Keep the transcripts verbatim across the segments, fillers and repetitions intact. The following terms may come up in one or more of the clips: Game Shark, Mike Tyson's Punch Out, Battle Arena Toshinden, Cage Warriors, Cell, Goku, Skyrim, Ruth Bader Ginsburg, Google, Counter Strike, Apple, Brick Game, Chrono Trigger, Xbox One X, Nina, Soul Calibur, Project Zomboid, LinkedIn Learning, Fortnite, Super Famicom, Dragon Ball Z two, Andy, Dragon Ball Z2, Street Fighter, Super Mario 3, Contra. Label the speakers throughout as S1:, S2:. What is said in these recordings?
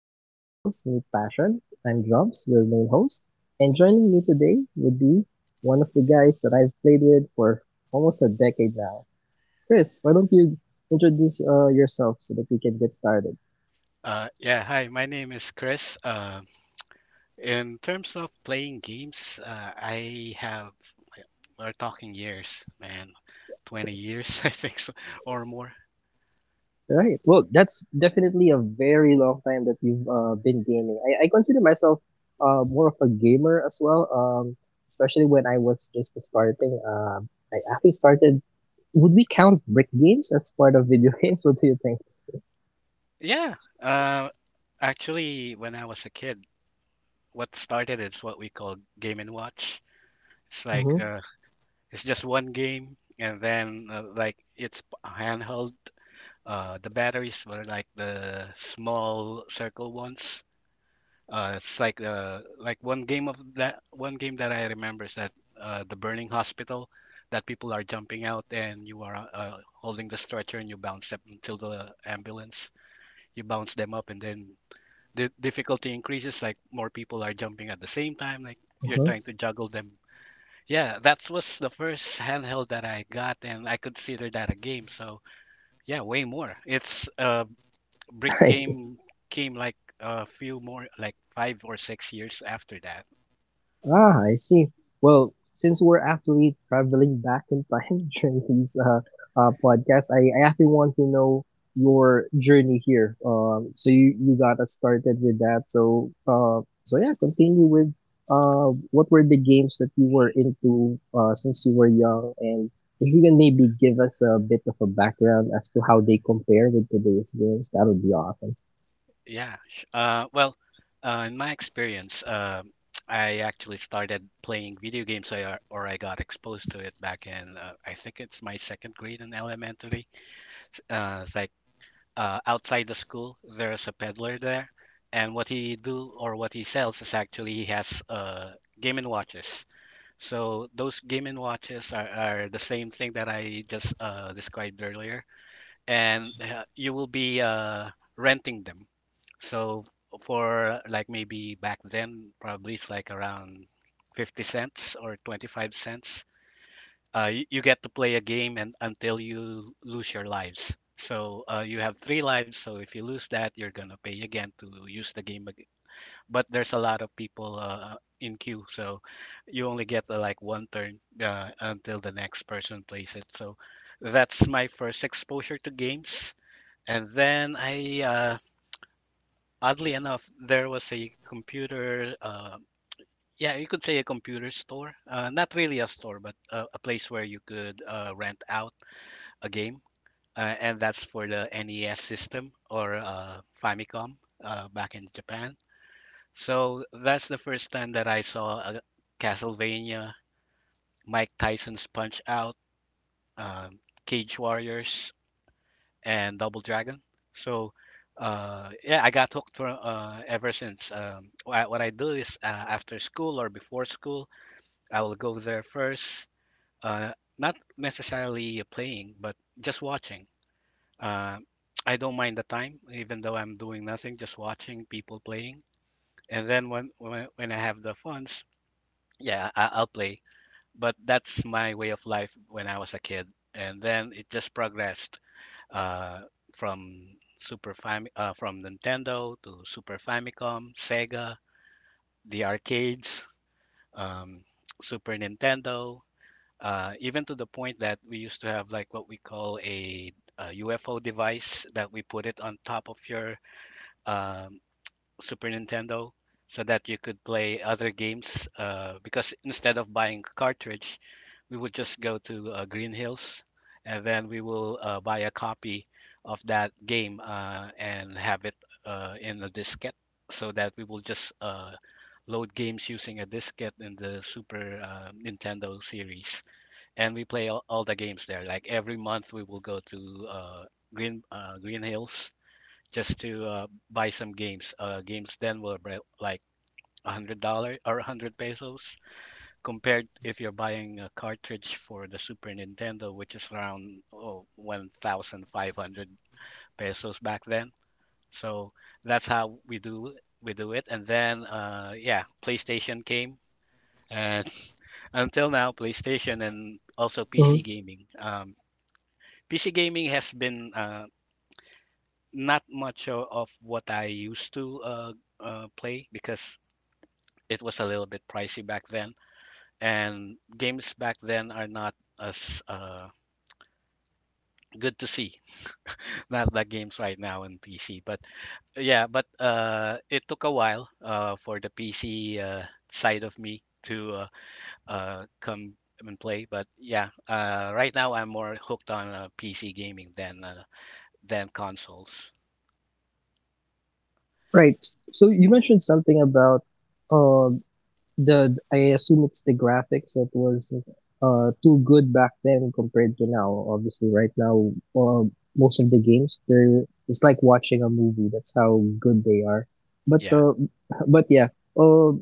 S1: where pixels meet passion. I'm Drums, your main host, and joining me today would be one of the guys that I've played with for almost a decade now. Chris, why don't you introduce uh, yourself so that we can get started?
S2: Uh, yeah, Hi, my name is Chris. Uh, in terms of playing games, uh, I have, we're talking years, man, twenty years, I think so, or more.
S1: Right. Well, that's definitely a very long time that you've uh, been gaming. I, I consider myself uh, more of a gamer as well, um, especially when I was just starting. Um, I actually started. Would we count brick games as part of video games? What do you think?
S2: Yeah, uh, Actually, when I was a kid, what started is what we call Game and Watch. It's like,
S1: Mm-hmm.
S2: uh, it's just one game, and then, uh, like, it's p- handheld. Uh, the batteries were like the small circle ones. Uh, it's like uh, like one game of That one game that I remember is that uh, the burning hospital that people are jumping out and you are uh, holding the stretcher and you bounce up until the ambulance. You bounce them up and then the difficulty increases. Like more people are jumping at the same time. Like you're
S1: Mm-hmm.
S2: trying to juggle them. Yeah, that was the first handheld that I got, and I consider that a game. So yeah, way more. It's uh, Brick
S1: I see.
S2: Game came like a few more, like five or six years after that.
S1: Ah, I see. Well, since we're actually traveling back in time during these uh, uh, podcasts, I, I actually want to know your journey here. Um, so you, you got us started with that. So, uh, so yeah, continue with, uh, what were the games that you were into, uh, since you were young? And if you can maybe give us a bit of a background as to how they compare with today's games, that would be awesome.
S2: Yeah. Sh- Uh, well, uh, in my experience, uh, I actually started playing video games I, or I got exposed to it back in, uh, I think it's my second grade in elementary. Uh, it's like uh, Outside the school, there's a peddler there. And what he do or what he sells is actually he has uh, Game& and Watches. So those Game and Watches are, are the same thing that I just uh, described earlier, and uh, you will be uh, renting them. So for like maybe back then, probably it's like around fifty cents or twenty-five cents. Uh, you, you get to play a game and until you lose your lives. So uh, you have three lives. So if you lose that, you're gonna pay again to use the game ag- but there's a lot of people uh, in queue, so you only get uh, like one turn uh, until the next person plays it. So that's my first exposure to games. And then I, uh, oddly enough, there was a computer, uh, yeah, you could say a computer store. Uh, not really a store, but a, a place where you could uh, rent out a game. Uh, and that's for the N E S system or uh, Famicom uh, back in Japan. So that's the first time that I saw a Castlevania, Mike Tyson's Punch Out, um, Cage Warriors, and Double Dragon. So uh, yeah, I got hooked for, uh, ever since. Um, wha- what I do is uh, after school or before school, I will go there first, uh, not necessarily playing, but just watching. Uh, I don't mind the time, even though I'm doing nothing, just watching people playing. And then when when, when I have the funds, yeah, I- I'll play. But that's my way of life when I was a kid, and then it just progressed uh, from Super Fam uh, from Nintendo to Super Famicom, Sega, the arcades, um, Super Nintendo, uh, even to the point that we used to have like what we call a, U F O device that we put it on top of your um, Super Nintendo so that you could play other games. Uh, because instead of buying cartridge, we would just go to uh, Green Hills and then we will uh, buy a copy of that game uh, and have it uh, in a diskette so that we will just uh, load games using a diskette in the Super uh, Nintendo series. And we play all, all the games there. Like every month, we will go to uh, Green uh, Green Hills just to uh, buy some games. Uh, games then were about, like a hundred dollar or a hundred pesos, compared if you're buying a cartridge for the Super Nintendo, which is around oh, one thousand five hundred pesos back then. So that's how we do we do it. And then uh, yeah, PlayStation came, and until now, PlayStation and also P C
S1: Mhm.
S2: gaming. Um, P C gaming has been uh, not much o- of what I used to uh, uh, play because it was a little bit pricey back then, and games back then are not as uh, good to see. Not like games right now in P C, but yeah, but uh, it took a while uh, for the P C uh, side of me to uh, uh, come and play. But yeah, uh, right now I'm more hooked on uh, P C gaming than uh, than consoles.
S1: Right. So you mentioned something about uh, the— I assume it's the graphics that was uh too good back then compared to now. Obviously, right now, uh, most of the games they're it's like watching a movie. That's how good they are. But
S2: Yeah.
S1: uh, but yeah. Uh,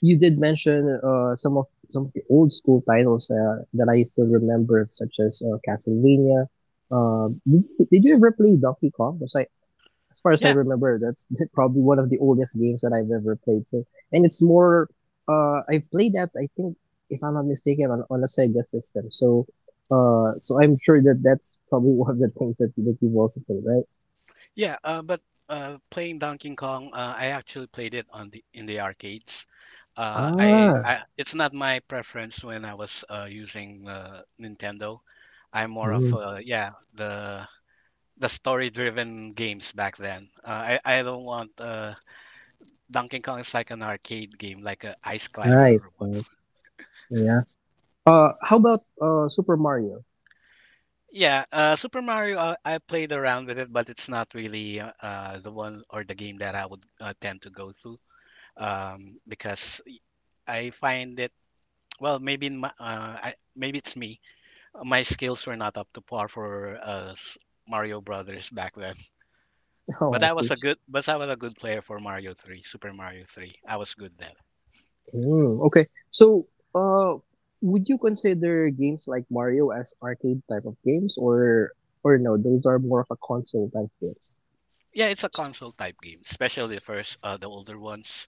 S1: you did mention uh some of some of the old school titles uh, that I still remember, such as uh, Castlevania. Uh, did, did you ever play Donkey Kong? Was I As far as I
S2: Yeah,
S1: remember, that's probably one of the oldest games that I've ever played. So, and it's more, uh, I played that, I think, if I'm not mistaken, on, on a Sega system. So, uh, so I'm sure that that's probably one of the things that, that you've also played, right?
S2: Yeah, uh, but uh, playing Donkey Kong, uh, I actually played it on the in the arcades. Uh, I,
S1: Ah,
S2: I it's not my preference when I was uh, using uh, Nintendo. I'm more of
S1: mm,
S2: uh, yeah the the story-driven games back then. Uh, I I don't want uh, Donkey Kong is like an arcade game, like a ice climber
S1: right,
S2: or what.
S1: right. Yeah. Uh, how about, uh, Super Mario?
S2: Yeah, uh, Super Mario, uh, I played around with it, but it's not really uh, uh, the one or the game that I would uh, tend to go through um, because I find that well, maybe in my, uh, I, maybe it's me. My skills were not up to par for uh, s- Mario Brothers back then.
S1: Oh,
S2: But
S1: I
S2: I
S1: see.
S2: was a good, but I was a good player for Mario three, Super Mario three. I was good then.
S1: Mm, okay. So, uh, would you consider games like Mario as arcade type of games, or, or no, those are more of a console type games?
S2: Yeah, it's a console type game, especially the first, uh, the older ones.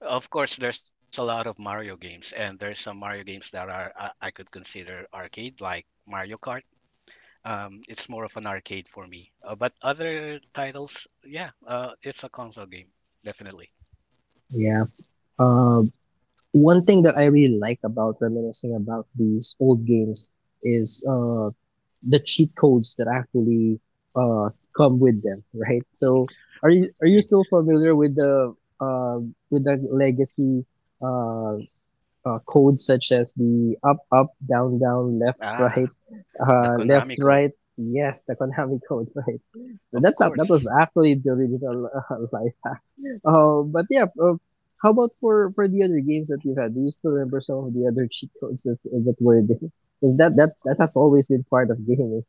S2: Of course, there's a lot of Mario games, and there's some Mario games that are I, I could consider arcade, like Mario Kart. Um, it's more of an arcade for me. Uh, but other titles, yeah, uh, it's a console game, definitely.
S1: Yeah. Uh, One thing that I really like about reminiscing about these old games is uh, the cheat codes that actually uh, come with them, right? So, are you are you still familiar with the uh, with the legacy uh, uh, codes such as the up, up, down, down, left,
S2: Ah,
S1: right,
S2: the
S1: uh, left,
S2: Konami code,
S1: right. Yes, the Konami code, right? So
S2: of
S1: that's up. That
S2: course.
S1: was actually the original uh, life hack. Uh, but yeah, uh, how about for for the other games that you've had? Do you still remember some of the other cheat codes that that were there? Because that that that has always been part of gaming.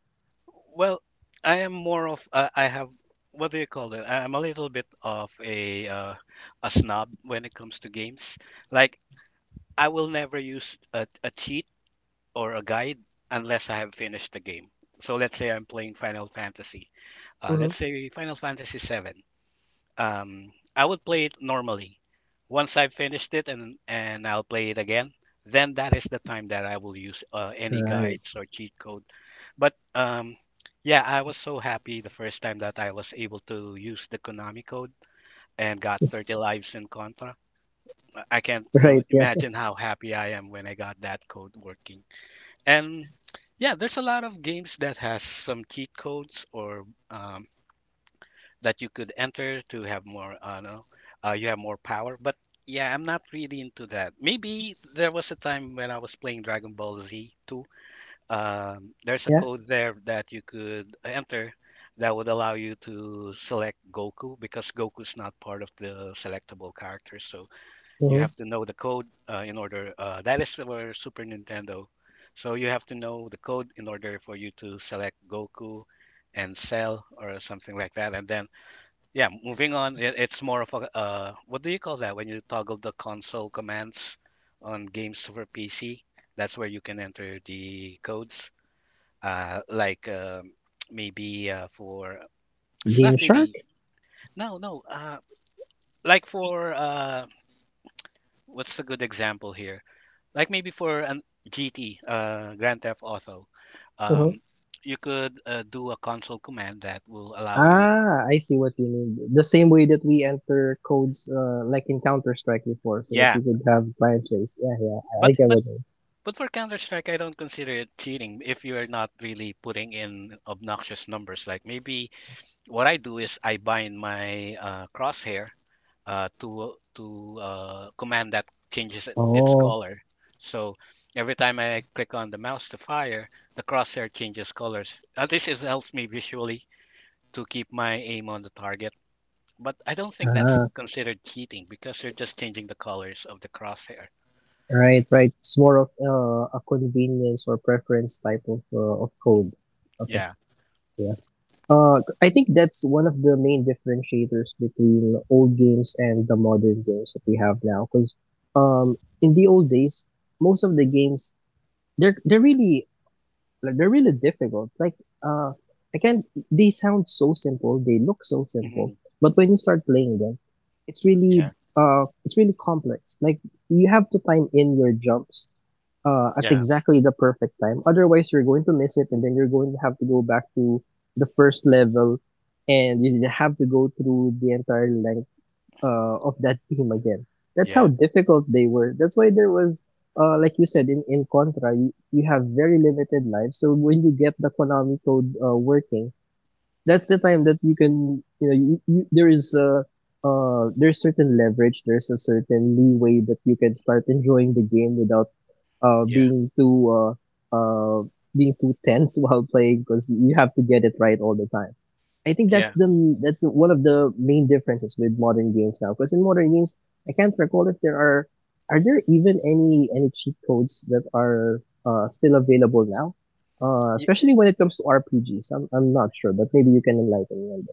S2: Well, I am more of uh, I have what do you call it? I'm a little bit of a uh, a snob when it comes to games. Like I will never use a, a cheat or a guide unless I have finished the game. So let's say I'm playing Final Fantasy. Uh,
S1: Mhm.
S2: let's say Final Fantasy Seven. Um, I would play it normally. Once I've finished it and and I'll play it again, then that is the time that I will use uh, any
S1: Right.
S2: guides or cheat code. But um, yeah, I was so happy the first time that I was able to use the Konami code and got thirty lives in Contra. I can't uh,
S1: Right. Yeah.
S2: imagine how happy I am when I got that code working. And yeah, there's a lot of games that has some cheat codes or um, that you could enter to have more uh, no, uh, you have more power but yeah, I'm not really into that. Maybe there was a time when I was playing Dragon Ball Z too. Um, there's a
S1: Yeah.
S2: code there that you could enter that would allow you to select Goku, because Goku's not part of the selectable characters, so you
S1: Mm-hmm.
S2: have to know the code uh, in order uh, that is for Super Nintendo, so you have to know the code in order for you to select Goku and Cell or something like that. And then yeah, moving on, it, it's more of a uh, what do you call that when you toggle the console commands on games for P C? That's where you can enter the codes. Uh, like um maybe uh, for it's
S1: Game
S2: not
S1: Shark.
S2: really no no uh, like for uh, What's a good example here? Like maybe for an G T, uh, Grand Theft Auto,
S1: Mm-hmm.
S2: um, you could uh, do a console command that will allow you.
S1: Ah, I see what you mean. The same way that we enter codes, uh, like in Counter Strike before, so that
S2: Yeah,
S1: we could have client trace. Yeah, yeah, I, I
S2: but
S1: get
S2: but
S1: what you mean.
S2: But for Counter Strike, I don't consider it cheating if you're not really putting in obnoxious numbers. Like maybe what I do is I bind my uh, crosshair uh, to to uh, command that changes it- its
S1: Oh,
S2: color. So every time I click on the mouse to fire, the crosshair changes colors. At least it helps me visually to keep my aim on the target. But I don't think that's
S1: ah,
S2: considered cheating because you're just changing the colors of the crosshair.
S1: right, right. It's more of uh, a convenience or preference type of uh, of code. Okay,
S2: Yeah.
S1: yeah. Uh, I think that's one of the main differentiators between old games and the modern games that we have now. Because um, in the old days, most of the games they're they're really— like they're really difficult. Like uh, I can't. They sound so simple. They look so
S2: hmm
S1: simple, but when you start playing them, it's really
S2: Yeah.
S1: uh, it's really complex. Like you have to time in your jumps uh, at
S2: Yeah.
S1: exactly the perfect time. Otherwise, you're going to miss it, and then you're going to have to go back to the first level, and you have to go through the entire length uh, of that team again. That's how
S2: Yeah.
S1: difficult they were. That's why there was, uh, like you said, in, in Contra, you, you have very limited life. So when you get the Konami code uh, working, that's the time that you can, you know, you, you, there is uh, uh, there's certain leverage, there's a certain leeway that you can start enjoying the game without uh,
S2: Yeah.
S1: being too uh, uh, being too tense while playing because you have to get it right all the time. I think that's
S2: Yeah.
S1: the— that's one of the main differences with modern games now. Because in modern games, I can't recall if there are— are there even any any cheat codes that are uh, still available now. Uh,
S2: Y-
S1: especially when it comes to R P Gs, I'm I'm not sure, but maybe you can enlighten me on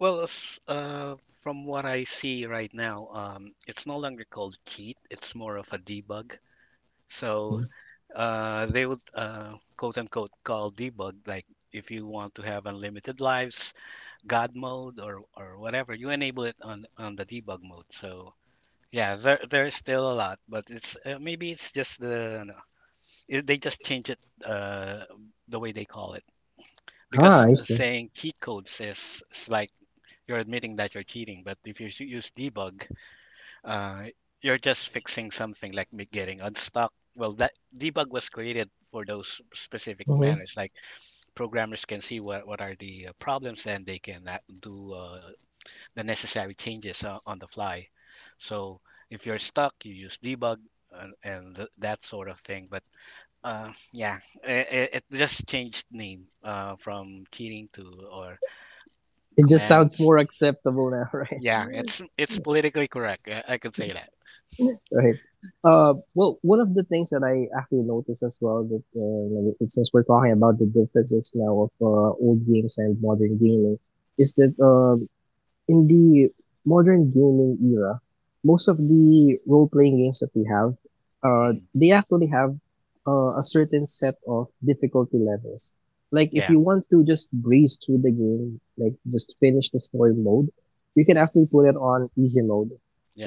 S2: Well, s- uh, From what I see right now, um, it's no longer called cheat. It's more of a debug. So
S1: that.
S2: uh, they would uh, quote unquote call debug like if you want to have unlimited lives, God mode, or or whatever, you enable it on on the debug mode. So yeah, there there's still a lot, but it's uh, maybe it's just the no, it, they just change it uh, the way they call it because
S1: Ah, I see.
S2: saying cheat codes is, is like you're admitting that you're cheating. But if you s- use debug, uh, you're just fixing something like me getting unstuck. Well, that debug was created for those specific
S1: Mhm.
S2: manners. Like programmers can see what, what are the uh, problems and they can uh, do uh, the necessary changes uh, on the fly. So if you're stuck, you use debug and, and th- that sort of thing. But uh, yeah, it, it just changed name uh, from cheating to or
S1: It just
S2: command.
S1: sounds more acceptable now, right?
S2: Yeah, it's it's politically correct. I, I could say that.
S1: Right. Uh, well, one of the things that I actually noticed as well that uh, like, since we're talking about the differences now of uh, old games and modern gaming, is that uh, in the modern gaming era, most of the role playing games that we have, uh,
S2: hmm
S1: they actually have uh, a certain set of difficulty levels. Like if
S2: Yeah,
S1: you want to just breeze through the game, like just finish the story mode, you can actually put it on easy mode.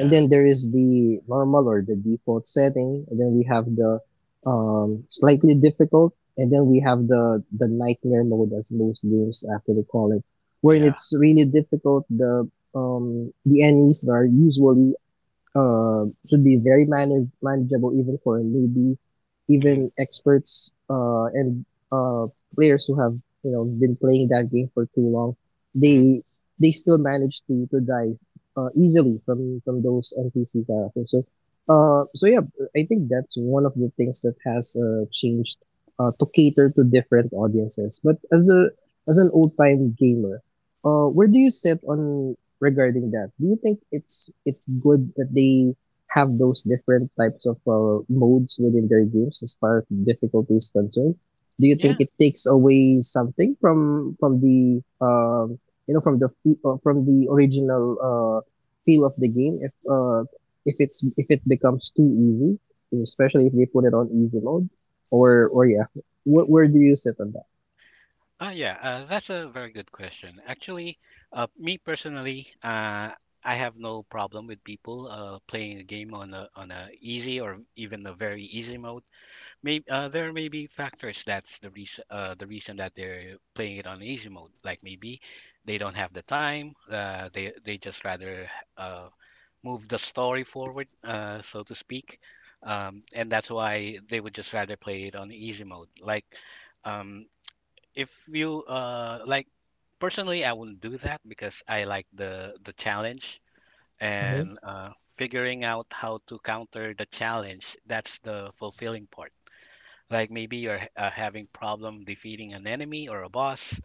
S1: And then there is the normal or the default setting, and then we have the um, slightly difficult, and then we have the the nightmare mode as most games actually call it when
S2: yeah.
S1: it's really difficult, the um, the enemies are usually uh, should be very manage- manageable even for a newbie,
S2: hmm
S1: even experts uh, and uh, players who have, you know, been playing that game for too long.
S2: hmm
S1: They they still manage to to die uh, easily from from those N P C characters. So uh, so yeah, I think that's one of the things that has uh, changed uh, to cater to different audiences. But as a— as an old time gamer, uh, where do you sit on— regarding that? Do you think it's— it's good that they have those different types of uh, modes within their games as far as difficulty is concerned? Do you think
S2: Yeah,
S1: it takes away something from from the um you know from the fe- uh, from the original uh feel of the game if uh if it's— if it becomes too easy, especially if they put it on easy mode, or or yeah, where, where do you sit on that?
S2: uh, yeah. Uh, that's a very good question. Actually, uh, me personally, uh, I have no problem with people uh, playing a game on a on a easy or even a very easy mode. Maybe uh, there may be factors that's the reason uh, the reason that they're playing it on easy mode. Like maybe they don't have the time. Uh, they they just rather uh, move the story forward, uh, so to speak, um, and that's why they would just rather play it on easy mode. Like um, if you uh, like personally, I wouldn't do that because I like the the challenge
S1: Mhm.
S2: and uh, figuring out how to counter the challenge. That's the fulfilling part, like maybe you're h- uh, having problem defeating an enemy or a boss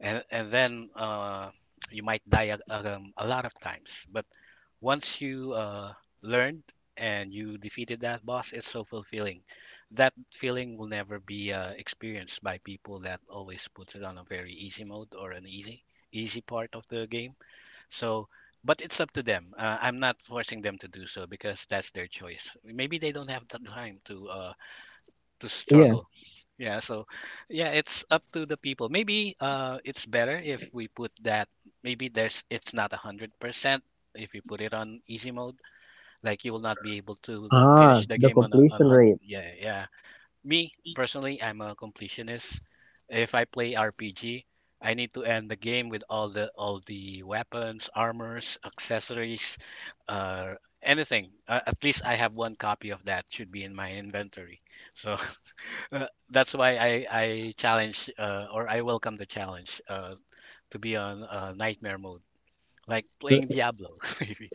S2: and and then uh, you might die a, um, a lot of times. But once you uh, learned and you defeated that boss, it's so fulfilling. That feeling will never be uh, experienced by people that always puts it on a very easy mode or an easy easy part of the game. So but it's up to them. uh, I'm not forcing them to do so because that's their choice. Maybe they don't have the time to uh, to
S1: Yeah.
S2: struggle. Yeah, so yeah, it's up to the people. Maybe uh it's better if we put that. Maybe there's, it's not a hundred percent. If you put it on easy mode, like you will not be able to
S1: Ah,
S2: finish the
S1: the
S2: game on a on
S1: completion
S2: hundred.
S1: rate.
S2: Yeah, yeah. Me personally, I'm a completionist. If I play R P G, I need to end the game with all the all the weapons, armors, accessories, uh anything. Uh, at least I have one copy of that should be in my inventory. So Uh, that's why I I challenge uh, or I welcome the challenge uh, to be on uh, nightmare mode, like playing Diablo. Maybe.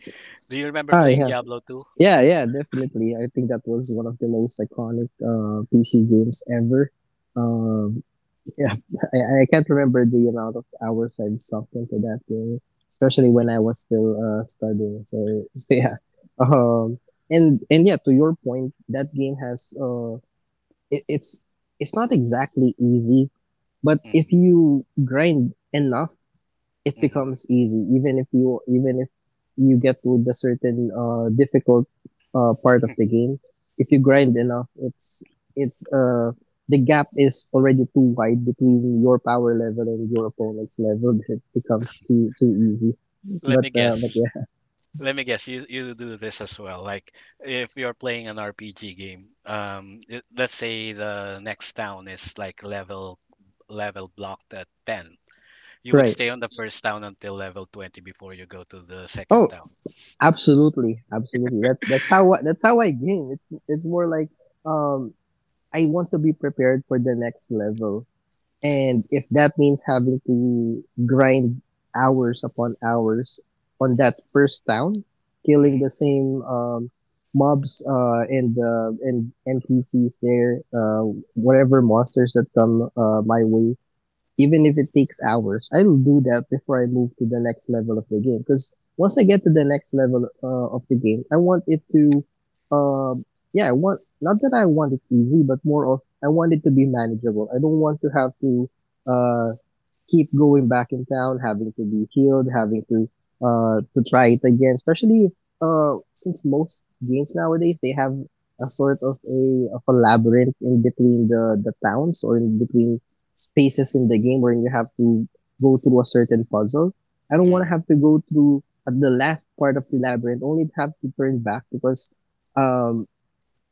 S2: Do you remember
S1: Ah,
S2: playing
S1: yeah.
S2: Diablo two?
S1: Yeah, yeah, definitely. I think that was one of the most iconic uh, P C games ever. Um, yeah, I, I can't remember the amount of hours I've sunk into that game, especially when I was still uh, studying. So, so yeah, um, and and yeah, to your point, that game has uh, it, it's— it's not exactly easy, but
S2: hmm
S1: if you grind enough, it
S2: hmm
S1: becomes easy, even if you— even if you get to the certain uh difficult uh part of the game, if you grind enough, it's it's uh the gap is already too wide between your power level and your opponent's level. It becomes too too easy.
S2: Let
S1: But
S2: me
S1: uh but
S2: guess.
S1: yeah.
S2: Let me guess. You you do this as well. Like if you're playing an R P G game, um, it- let's say the next town is like level level blocked at ten. You would
S1: Right.
S2: stay on the first town until level twenty before you go to the second
S1: Oh,
S2: town.
S1: absolutely, absolutely. That that's how I, that's how I game. it's it's more like, um I want to be prepared for the next level. And if that means having to grind hours upon hours on that first town, killing the same um, mobs uh, and uh, and N P Cs there, uh, whatever monsters that come uh, my way, even if it takes hours, I'll do that before I move to the next level of the game. Because once I get to the next level uh, of the game, I want it to— um, yeah, I want— not that I want it easy, but more of I want it to be manageable. I don't want to have to uh, keep going back in town, having to be healed, having to uh, to try it again. Especially if, uh, since most games nowadays they have a sort of a— of a labyrinth in between the— the towns or in between spaces in the game where you have to go through a certain puzzle. I don't want to
S2: hmm
S1: have to go through at the last part of the labyrinth only to have to turn back because um,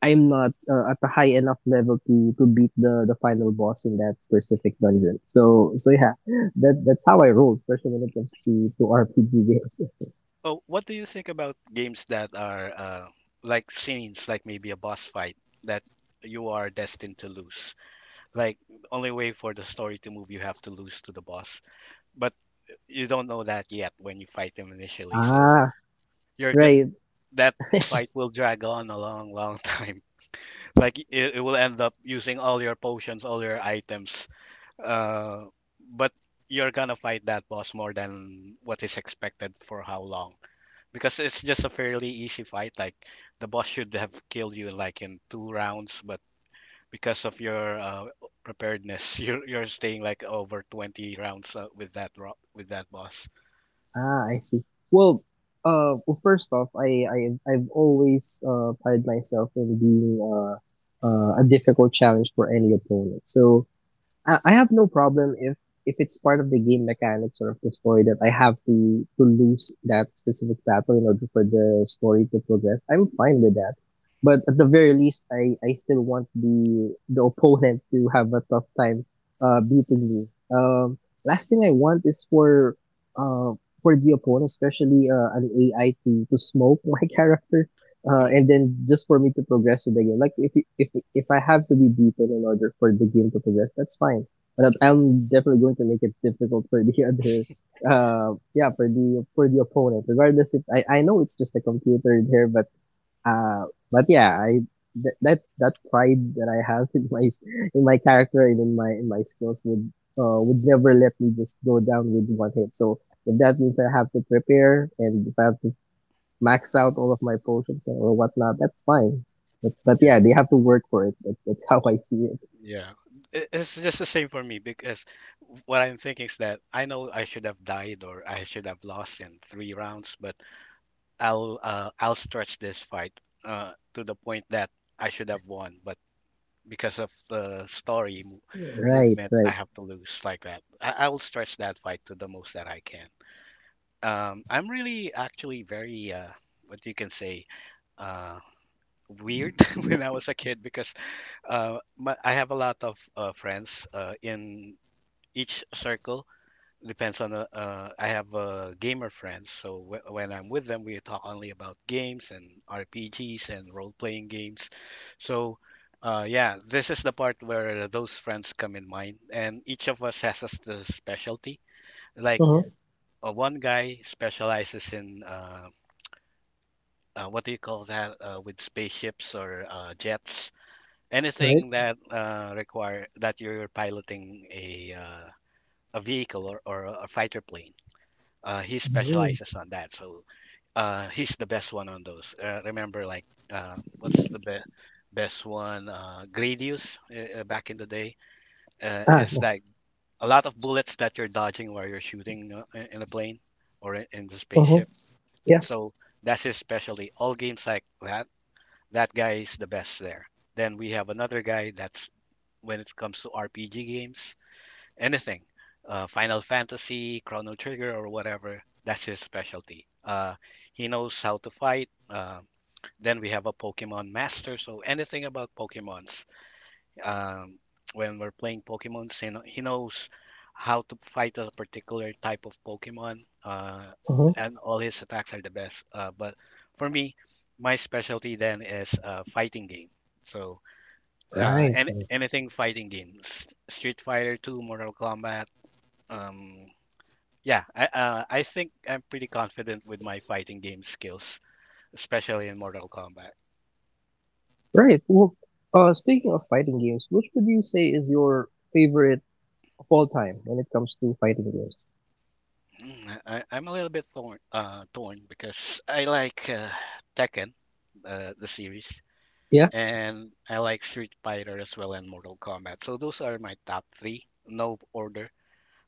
S1: I'm not uh, at a high enough level to, to beat the, the final boss in that specific dungeon. So so yeah, that that's how I roll, especially when it comes to, to R P G games.
S2: Oh, what do you think about games that are uh, like scenes, like maybe a boss fight that you are destined to lose? Like only way for the story to move, you have to lose to the boss, but you don't know that yet when you fight them initially. So
S1: Ah,
S2: you're g
S1: right.
S2: That fight will drag on a long, long time. Like it, it will end up using all your potions, all your items, uh, but you're gonna fight that boss more than what is expected for how long because it's just a fairly easy fight. Like the boss should have killed you like in two rounds, but because of your uh, preparedness, you're you're staying like over twenty rounds uh, with that ro- with that boss.
S1: Ah, I see. Well, uh, well, first off, I, I, I've always, uh, prided myself in being, uh, uh, a difficult challenge for any opponent. So, I I have no problem if— if it's part of the game mechanics or of the story that I have to— to lose that specific battle in order for the story to progress. I'm fine with that. But at the very least, I, I still want the the opponent to have a tough time uh, beating me. Um, Last thing I want is for uh, for the opponent, especially uh, an A I, to, to smoke my character uh,
S2: Mhm.
S1: and then just for me to progress in the game. Like if if if I have to be beaten in order for the game to progress, that's fine. But I'm definitely going to make it difficult for the other, uh, yeah, for the for the opponent. Regardless, if I I know it's just a computer there, but uh, but yeah, I that that, that pride that I have in my in my character and in my in my skills would uh would never let me just go down with one hit. So if that means I have to prepare and if I have to max out all of my potions or whatnot, that's fine. But, but
S2: Yeah,
S1: yeah, they have to work for it. That, that's how I see it.
S2: yeah. It, it's just the same for me because what I'm thinking is that I know I should have died or I should have lost in three rounds, but I'll uh, I'll stretch this fight uh, to the point that I should have won, but because of the story mo-
S1: Right,
S2: movement I
S1: right.
S2: have to lose. Like that, I, I will stretch that fight to the most that I can. um I'm really actually very uh what you can say uh weird when I was a kid because uh my, I have a lot of uh, friends uh in each circle. Depends on uh, uh I have uh gamer friends, so wh- when I'm with them, we talk only about games and R P Gs and role-playing games. So, uh, yeah, this is the part where those friends come in mind, and each of us has a s- the specialty. Like
S1: Uh-huh.
S2: uh, one guy specializes in uh, uh, what do you call that uh, with spaceships or uh, jets, anything
S1: Right.
S2: that uh, require that you're piloting a uh, a vehicle or, or a fighter plane. Uh, he
S1: Mm.
S2: specializes on that, so uh, he's the best one on those. Uh, remember, like uh, what's the be- best one? Uh, Gradius uh, uh, back in the day. Uh,
S1: Ah,
S2: it's
S1: yeah.
S2: like a lot of bullets that you're dodging while you're shooting uh, i- in a plane or i- in the
S1: Uh-huh.
S2: spaceship.
S1: Yeah.
S2: So that's his specialty. All games like that, that guy is the best there. Then we have another guy that's when it comes to R P G games anything, uh, Final Fantasy, Chrono Trigger, or whatever. That's his specialty. Uh, he knows how to fight. Uh, then we have a Pokemon master, so anything about Pokemons. Um, when we're playing Pokemon, he kno- he knows how to fight a particular type of Pokemon, uh,
S1: Uh-huh.
S2: and all his attacks are the best. Uh, but for me, my specialty then is uh, fighting game. So uh,
S1: Right,
S2: any,
S1: right.
S2: anything fighting games, Street Fighter two, Mortal Kombat, um, yeah, I, uh, I think I'm pretty confident with my fighting game skills, especially in Mortal Kombat.
S1: Right. Well, uh, speaking of fighting games, which would you say is your favorite of all time when it comes to fighting games?
S2: Mm, I, I'm a little bit torn, uh, torn because I like uh, Tekken, uh, the series,
S1: Yeah.
S2: and I like Street Fighter as well and Mortal Kombat. So those are my top three, no order.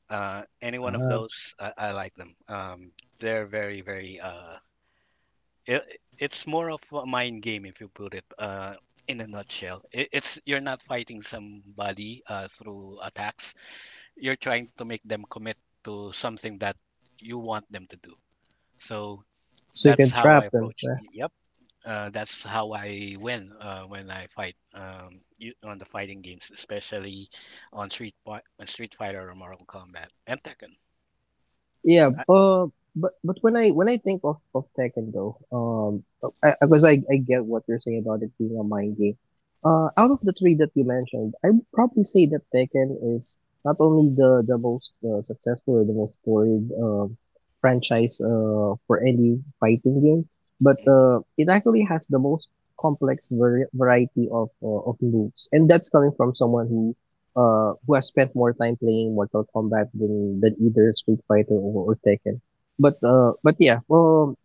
S2: Uh, any one of
S1: Ah,
S2: those, I, I like them. Um, they're very, very uh, It, it's more of a mind game if you put it uh, in a nutshell. It, it's You're not fighting somebody uh, through attacks. You're trying to make them commit to something that you want them to do. So
S1: so you
S2: that's
S1: can
S2: how I
S1: trap them.
S2: approach.
S1: Yeah.
S2: Yep. Uh, that's how I win uh, when I fight um, you, on the fighting games, especially on Street Fi- on Street Fighter or Mortal Kombat and Tekken.
S1: Yeah,
S2: I,
S1: but but but when I when I think of of Tekken though, um, because I, 'cause I I get what you're saying about it being a mind game. Uh, out of the three that you mentioned, I would probably say that Tekken is not only the the most uh, successful or the most storied um franchise uh for any fighting game, but
S2: hmm
S1: uh it actually has the most complex vari- variety of uh, of moves, and that's coming from someone who uh, who has spent more time playing Mortal Kombat than, than either Street Fighter or, or Tekken. But uh, but yeah, well,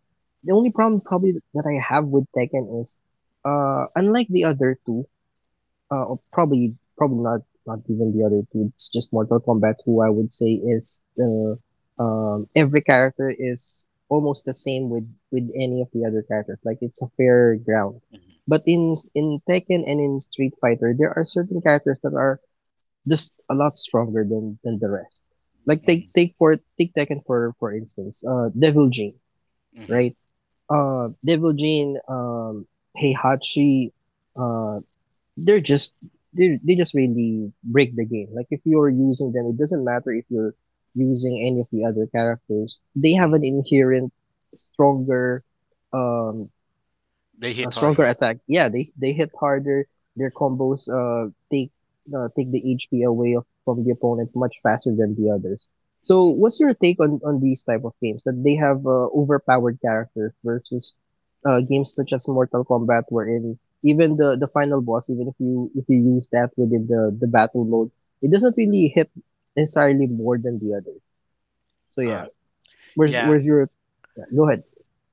S1: the only problem probably that I have with Tekken is, uh, unlike the other two, uh, or probably probably not not even the other two. It's just Mortal Kombat, who I would say is uh, um, every character is almost the same with with any of the other characters. Like it's a fair ground. But in in Tekken and in Street Fighter, there are certain characters that are just a lot stronger than than the rest. Like take
S2: hmm
S1: take for take Tekken for for instance, uh, Devil Jin,
S2: hmm
S1: right? Uh, Devil Jin, um, Heihachi, uh, they're just they they just really break the game. Like if you're using them, it doesn't matter if you're using any of the other characters. They have an
S2: hmm
S1: inherent stronger um
S2: They
S1: a
S2: hit
S1: stronger
S2: harder.
S1: attack. Yeah, they they hit harder. Their combos uh take uh, take the H P away of, from the opponent much faster than the others. So
S2: hmm
S1: what's your take on on these type of games that they have uh, overpowered characters versus uh, games such as Mortal Kombat wherein even the the final boss, even if you if you use that within the the battle mode, it doesn't really hit necessarily more than the others. So yeah,
S2: Uh,
S1: where's
S2: yeah,
S1: where's your yeah, go ahead.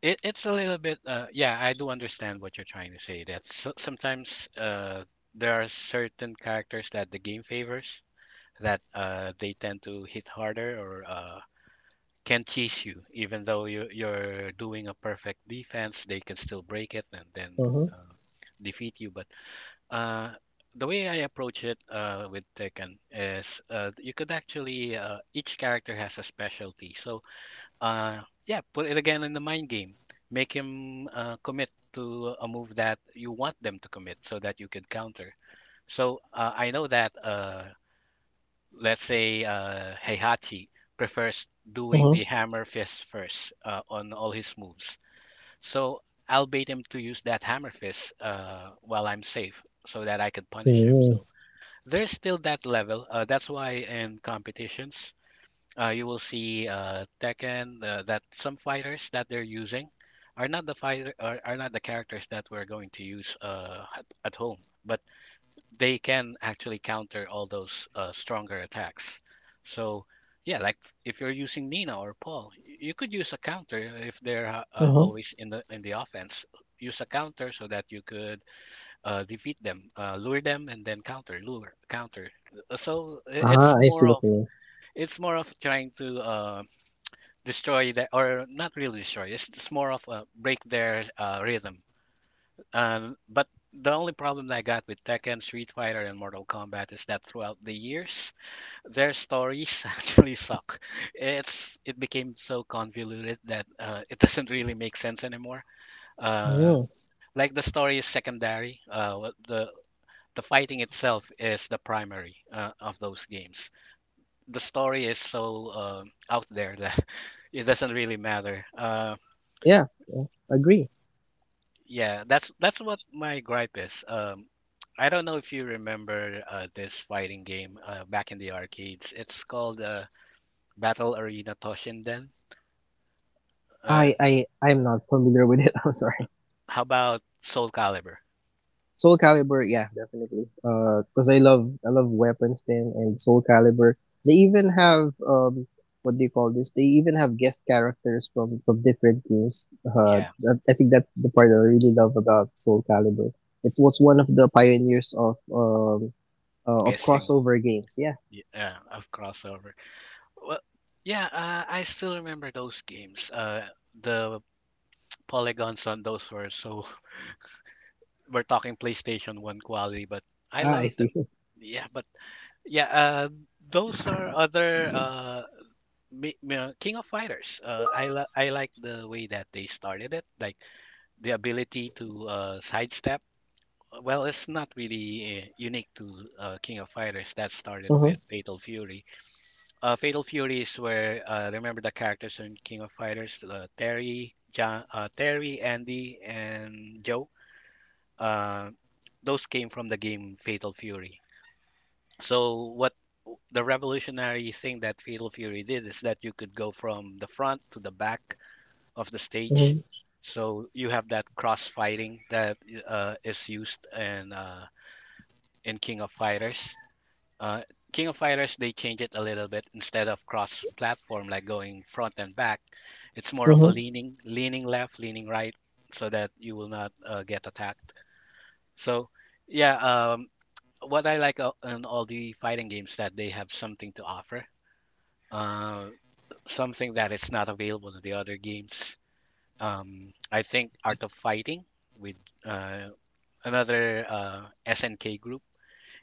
S2: It it's a little bit uh yeah, I do understand what you're trying to say. That so, sometimes uh there are certain characters that the game favors that uh they tend to hit harder or uh can cheese you even though you you're doing a perfect defense, they can still break it and then
S1: Uh-huh.
S2: uh, defeat you. But uh the way I approach it uh with Tekken is uh you could actually uh each character has a specialty. So uh, yeah, put it again in the mind game. Make him uh, commit to a move that you want them to commit so that you can counter. So uh, I know that, uh, let's say, uh, Heihachi prefers doing
S1: Uh-huh.
S2: the hammer fist first uh, on all his moves. So I'll bait him to use that hammer fist uh, while I'm safe so that I can punish him.
S1: Mm-hmm.
S2: So there's still that level. Uh, that's why in competitions, uh, you will see uh, Tekken uh, that some fighters that they're using are not the fighter are, are not the characters that we're going to use uh, at, at home, but they can actually counter all those uh, stronger attacks. So yeah, like if you're using Nina or Paul, y- you could use a counter if they're uh, uh,
S1: Uh-huh.
S2: always in the in the offense. Use a counter so that you could uh, defeat them, uh, lure them, and then counter, lure, counter. Uh, So i- it's
S1: Ah, I see
S2: more
S1: what
S2: of
S1: you mean.
S2: it's more of trying to uh, destroy that, or not really destroy, it's just more of a break their uh, rhythm. Um, but the only problem that I got with Tekken, Street Fighter and Mortal Kombat is that throughout the years their stories actually suck. It's it became so convoluted that uh, it doesn't really make sense anymore. uh,
S1: Mm,
S2: like the story is secondary. Uh, what the the fighting itself is the primary uh, of those games. The story is so um out there that it doesn't really matter. Uh,
S1: yeah, yeah, agree.
S2: Yeah, that's that's what my gripe is. Um, I don't know if you remember uh, this fighting game uh, back in the arcades. It's called uh, Battle Arena Toshinden. Uh,
S1: I I I'm not familiar with it. I'm sorry.
S2: how about Soul Calibur?
S1: Soul Calibur, yeah, definitely. Uh, cause I love I love weapons then and Soul Calibur. They even have um what do you call this? They even have guest characters from from different games. Uh,
S2: Yeah,
S1: that, I think that's the part that I really love about Soul Calibur. It was one of the pioneers of um uh, of
S2: guessing.
S1: crossover games. Yeah.
S2: y- Yeah, of crossover. Well, yeah, uh, I still remember those games. Uh, the polygons on those were so. We're talking PlayStation One quality, but I
S1: Ah, I
S2: loved
S1: see.
S2: them. Yeah, but yeah, uh, those are other. Uh, Mi- mi- uh, King of Fighters. Uh, I li- I like the way that they started it, like the ability to uh, sidestep. Uh, Well, it's not really uh, unique to uh, King of Fighters. That started
S1: Uh huh.
S2: with Fatal Fury. Uh, Fatal Fury is where uh, remember the characters in King of Fighters: uh, Terry, John, uh, Terry, Andy, and Joe. Uh, those came from the game Fatal Fury. So what The revolutionary thing that Fatal Fury did is that you could go from the front to the back of the
S1: Uh
S2: stage. So you have that cross fighting that uh, is used in uh, in King of Fighters. Uh, King of Fighters, they change it a little bit instead of cross platform like going front and back. It's more of a
S1: huh.
S2: leaning leaning left, leaning right, so that you will not uh, get attacked. So yeah, um, what I like uh, in all the fighting games that they have something to offer. Uh, Something that is not available in the other games. Um, I think Art of Fighting with uh, another uh, S N K group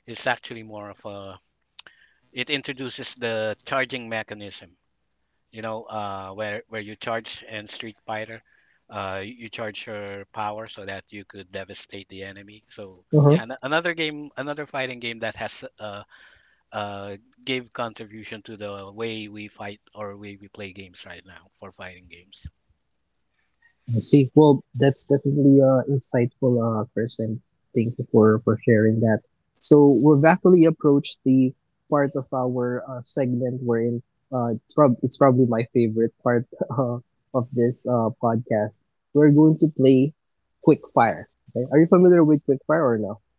S2: is actually more of a it introduces the charging mechanism. You know, uh, where where you charge in Street Fighter, uh, you charge your power so that you could devastate the enemy. So
S1: Uh huh.
S2: yeah, an- another game, another fighting game that has uh, uh, gave contribution to the way we fight or way we play games right now for fighting games.
S1: I see. Well, that's definitely a insightful uh, person. Thank you for for sharing that. So we've actually approached the part of our uh, segment wherein uh, it's, prob- it's probably my favorite part uh, of this uh, podcast. We're going to play quick fire. Okay? Are you familiar with quick fire or no?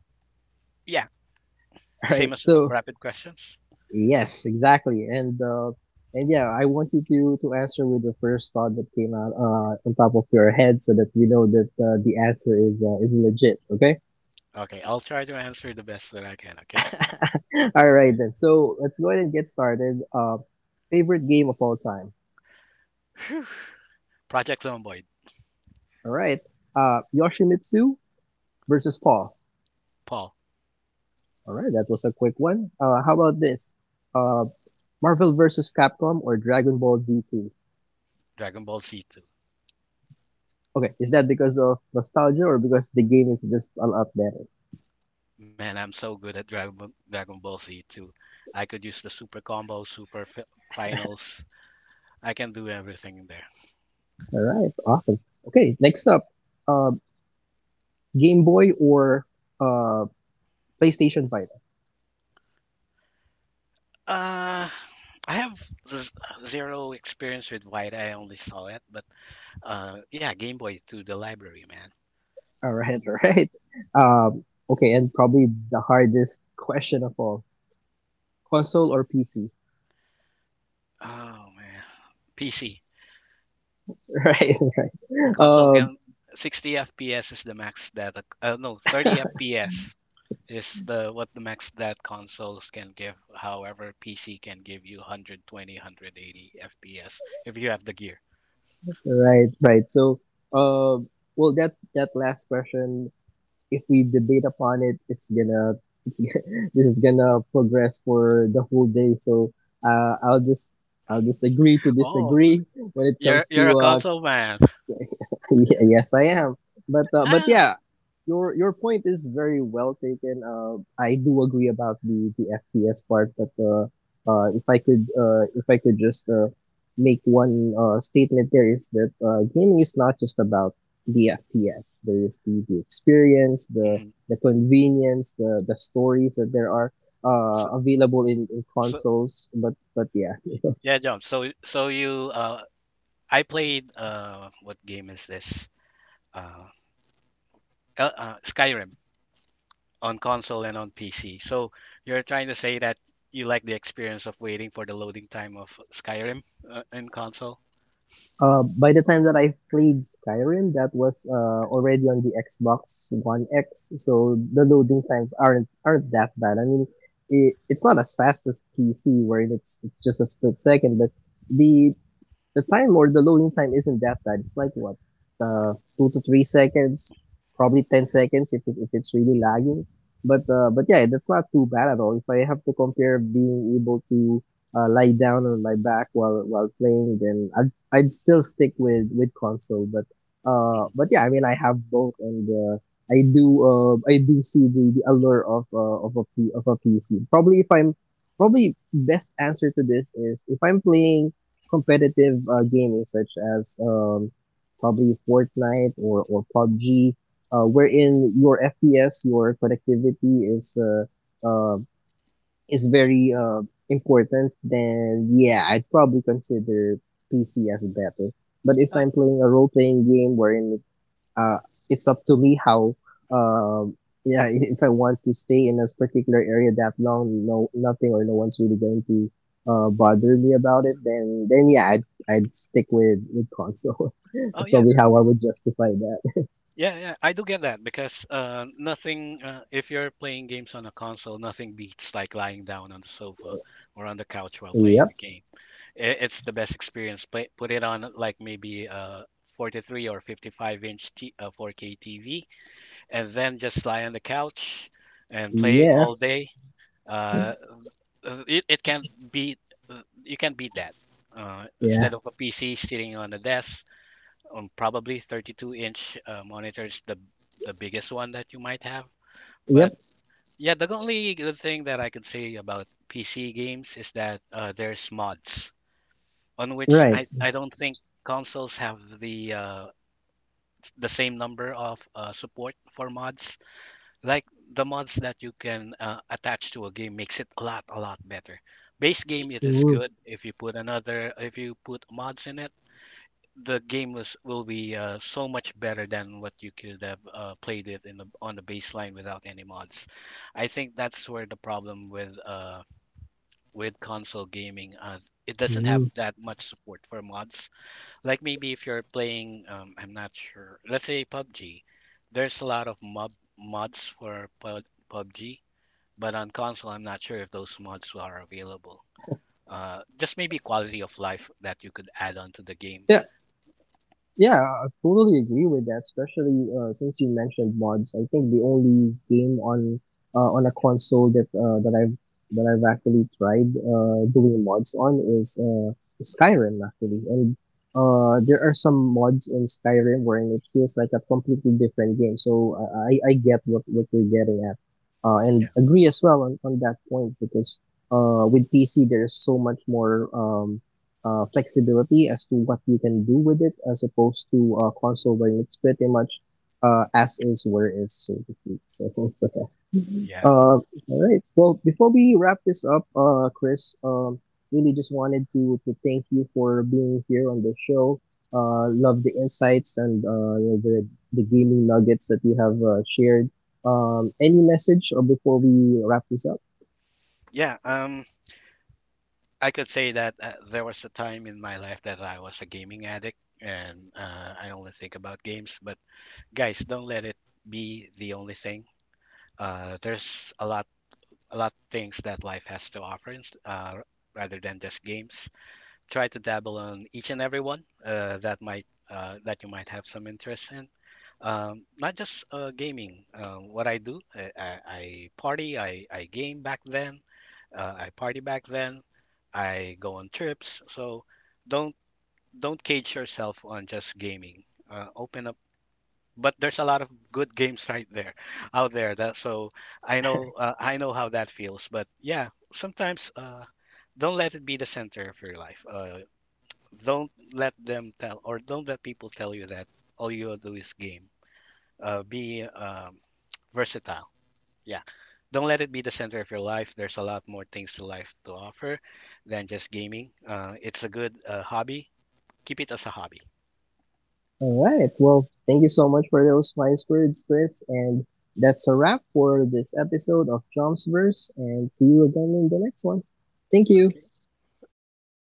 S2: Yeah,
S1: All
S2: same
S1: right.
S2: as
S1: So
S2: rapid questions.
S1: yes, exactly. And uh, and yeah, I want you to to answer with the first thought that came out uh, on top of your head, so that we know that uh, the answer is uh, is legit. Okay.
S2: Okay, I'll try to answer the best that I can, okay?
S1: All right then. So let's go ahead and get started. Uh, favorite game of all time.
S2: Phew. Project Zomboid.
S1: All right. Uh, Yoshimitsu versus Paul.
S2: Paul.
S1: All right, that was a quick one. Uh, how about this? Uh, Marvel versus Capcom or Dragon Ball Z two.
S2: Dragon Ball Z two.
S1: Okay, is that because of nostalgia or because the game is just all up there?
S2: Man, I'm so good at Dragon Ball, Dragon Ball Z two. I could use the super combo, super fi- finals. I can do everything in there.
S1: All right, awesome. Okay, next up, uh, Game Boy or uh, PlayStation Vita.
S2: Uh, I have z- zero experience with White. I only saw it, but uh, yeah, Game Boy to the library, man.
S1: All right, all right. Um, okay, and probably the hardest question of all: console or P C?
S2: Oh man, P C.
S1: Right,
S2: console
S1: um,
S2: can sixty F P S is the max that uh, no, thirty F P S is the what the max that consoles can give. However, P C can give you one hundred twenty F P S if you have the gear.
S1: right, right. So, uh, well, that that last question, if we debate upon it, it's gonna it's this is gonna progress for the whole day. So, uh, I'll just I'll just agree to
S2: Oh,
S1: disagree when it
S2: you're
S1: comes
S2: you're a
S1: to uh,
S2: console man.
S1: Ye- yes, I am. But uh, but
S2: Ah,
S1: yeah, your your point is very well taken. Uh, I do agree about the the F P S part, but uh, uh, if I could uh, if I could just uh, make one uh, statement there is that uh, gaming is not just about the F P S. There is the, the experience, the
S2: mhm.
S1: the convenience, the the stories that there are
S2: So
S1: uh, available in, in
S2: so
S1: consoles. But but yeah,
S2: y- yeah, John. So so you uh, I played uh, what game is this? Uh, uh, uh, Skyrim on console and on P C. So you're trying to say that you like the experience of waiting for the loading time of Skyrim uh, in console?
S1: uh, by the time that I played Skyrim, that was uh, already on the Xbox One X, so the loading times aren't aren't that bad. I mean, it, it's not as fast as P C, where it's it's just a split second, but the the time or the loading time isn't that bad. It's like what, uh, two to three seconds, probably ten seconds if it, if it's really
S2: Mhm.
S1: lagging. But uh, but yeah, that's not too bad at all. If I have to compare being able to uh, lie down on my back while while playing, then I'd I'd still stick with with console. But uh,
S2: Mhm.
S1: but yeah, I mean I have both, and uh, I do uh I do see the, the allure of uh, of a P, of a P C. Probably if I'm probably best answer to this is if I'm playing competitive uh, gaming such as um, probably Fortnite or, or pub g, uh,
S2: Mhm.
S1: wherein your F P S, your connectivity is uh, uh, is very uh, important, then yeah, I'd probably consider P C as better. But if
S2: Uh,
S1: I'm playing a role playing game wherein uh, it's up to me how um yeah if I want to stay in this particular area that long, no nothing or no one's really going to uh bother me about it, then then yeah I'd I'd stick with with console
S2: Oh
S1: That's
S2: yeah,
S1: probably how I would justify that.
S2: yeah, yeah, I do get that because uh, nothing, uh, if you're playing games on a console, nothing beats like lying down on the sofa or on the couch while playing
S1: Yep.
S2: the game. I it's the best experience. Play, put it on like maybe a forty-three or fifty-five inch t uh, four K T V and then just lie on the couch and play
S1: Yeah.
S2: all day. Uh, uh, it, it can't beat, uh, you can't beat that. Uh,
S1: Yeah.
S2: instead of a P C sitting on the desk, um, probably thirty-two inch uh, monitor, the the biggest one that you might have.
S1: Yep.
S2: But yeah, the only good thing that I could say about P C games is that uh, there's mods on which
S1: Right.
S2: I, I don't think consoles have the uh, the same number of uh, support for mods. Like the mods that you can uh, attach to a game makes it a lot a lot better. Base game it is
S1: Mm.
S2: good. If you put another if you put mods in it, the game was will be uh, so much better than what you could have uh, played it in the on the baseline without any mods. I think that's where the problem with uh, with console gaming uh, it doesn't have
S1: Mm.
S2: that much support for mods. Like maybe if you're playing, um, I'm not sure. Let's say pub G, there's a lot of mob mods for pub- PUBG, but on console, I'm not sure if those mods are available. Uh, just maybe quality of life that you could add on to the game.
S1: Yeah. Yeah, I totally agree with that. Especially uh, since you mentioned mods, I think the only game on uh, on a console that uh, that I've that I've actually tried uh, doing mods on is uh, Skyrim actually, and uh, there are some mods in Skyrim wherein it feels like a completely different game. So I I I get what what you're getting at, uh, and
S2: Yeah.
S1: agree as well on on that point because uh with P C there's so much more um uh, flexibility as to what you can do with it as opposed to uh, console where it's pretty much uh, as is where is so to speak. So okay.
S2: Yeah.
S1: Uh, all right. Well, before we wrap this up, uh, Chris, um, really just wanted to to thank you for being here on the show. Uh, love the insights and uh, you know, the the gaming nuggets that you have uh, shared. Um, any message or before we wrap this up?
S2: Yeah, um, I could say that uh, there was a time in my life that I was a gaming addict and uh, I only think about games. But guys, don't let it be the only thing. Uh, there's a lot, a lot things that life has to offer, ins- uh, rather than just games. Try to dabble on each and every one uh, that might uh, that you might have some interest in. Um, not just uh, gaming. Uh, what I do, I, I, I party, I, I game back then, uh, I party back then, I go on trips. So don't don't cage yourself on just gaming. Uh, open up. But there's a lot of good games right there, out there. That so I know uh, I know how that feels. But yeah, sometimes uh, don't let it be the center of your life. Uh, don't let them tell or don't let people tell you that all you do is game. Uh, be um, versatile, yeah. Don't let it be the center of your life. There's a lot more things to life to offer than just gaming. Uh, it's a good uh, hobby. Keep it as a hobby.
S1: All right. Well, thank you so much for those wise words, Chris. And that's a wrap for this episode of Chomps Verse. And see you again in the next one. Thank you.
S2: Okay, bye.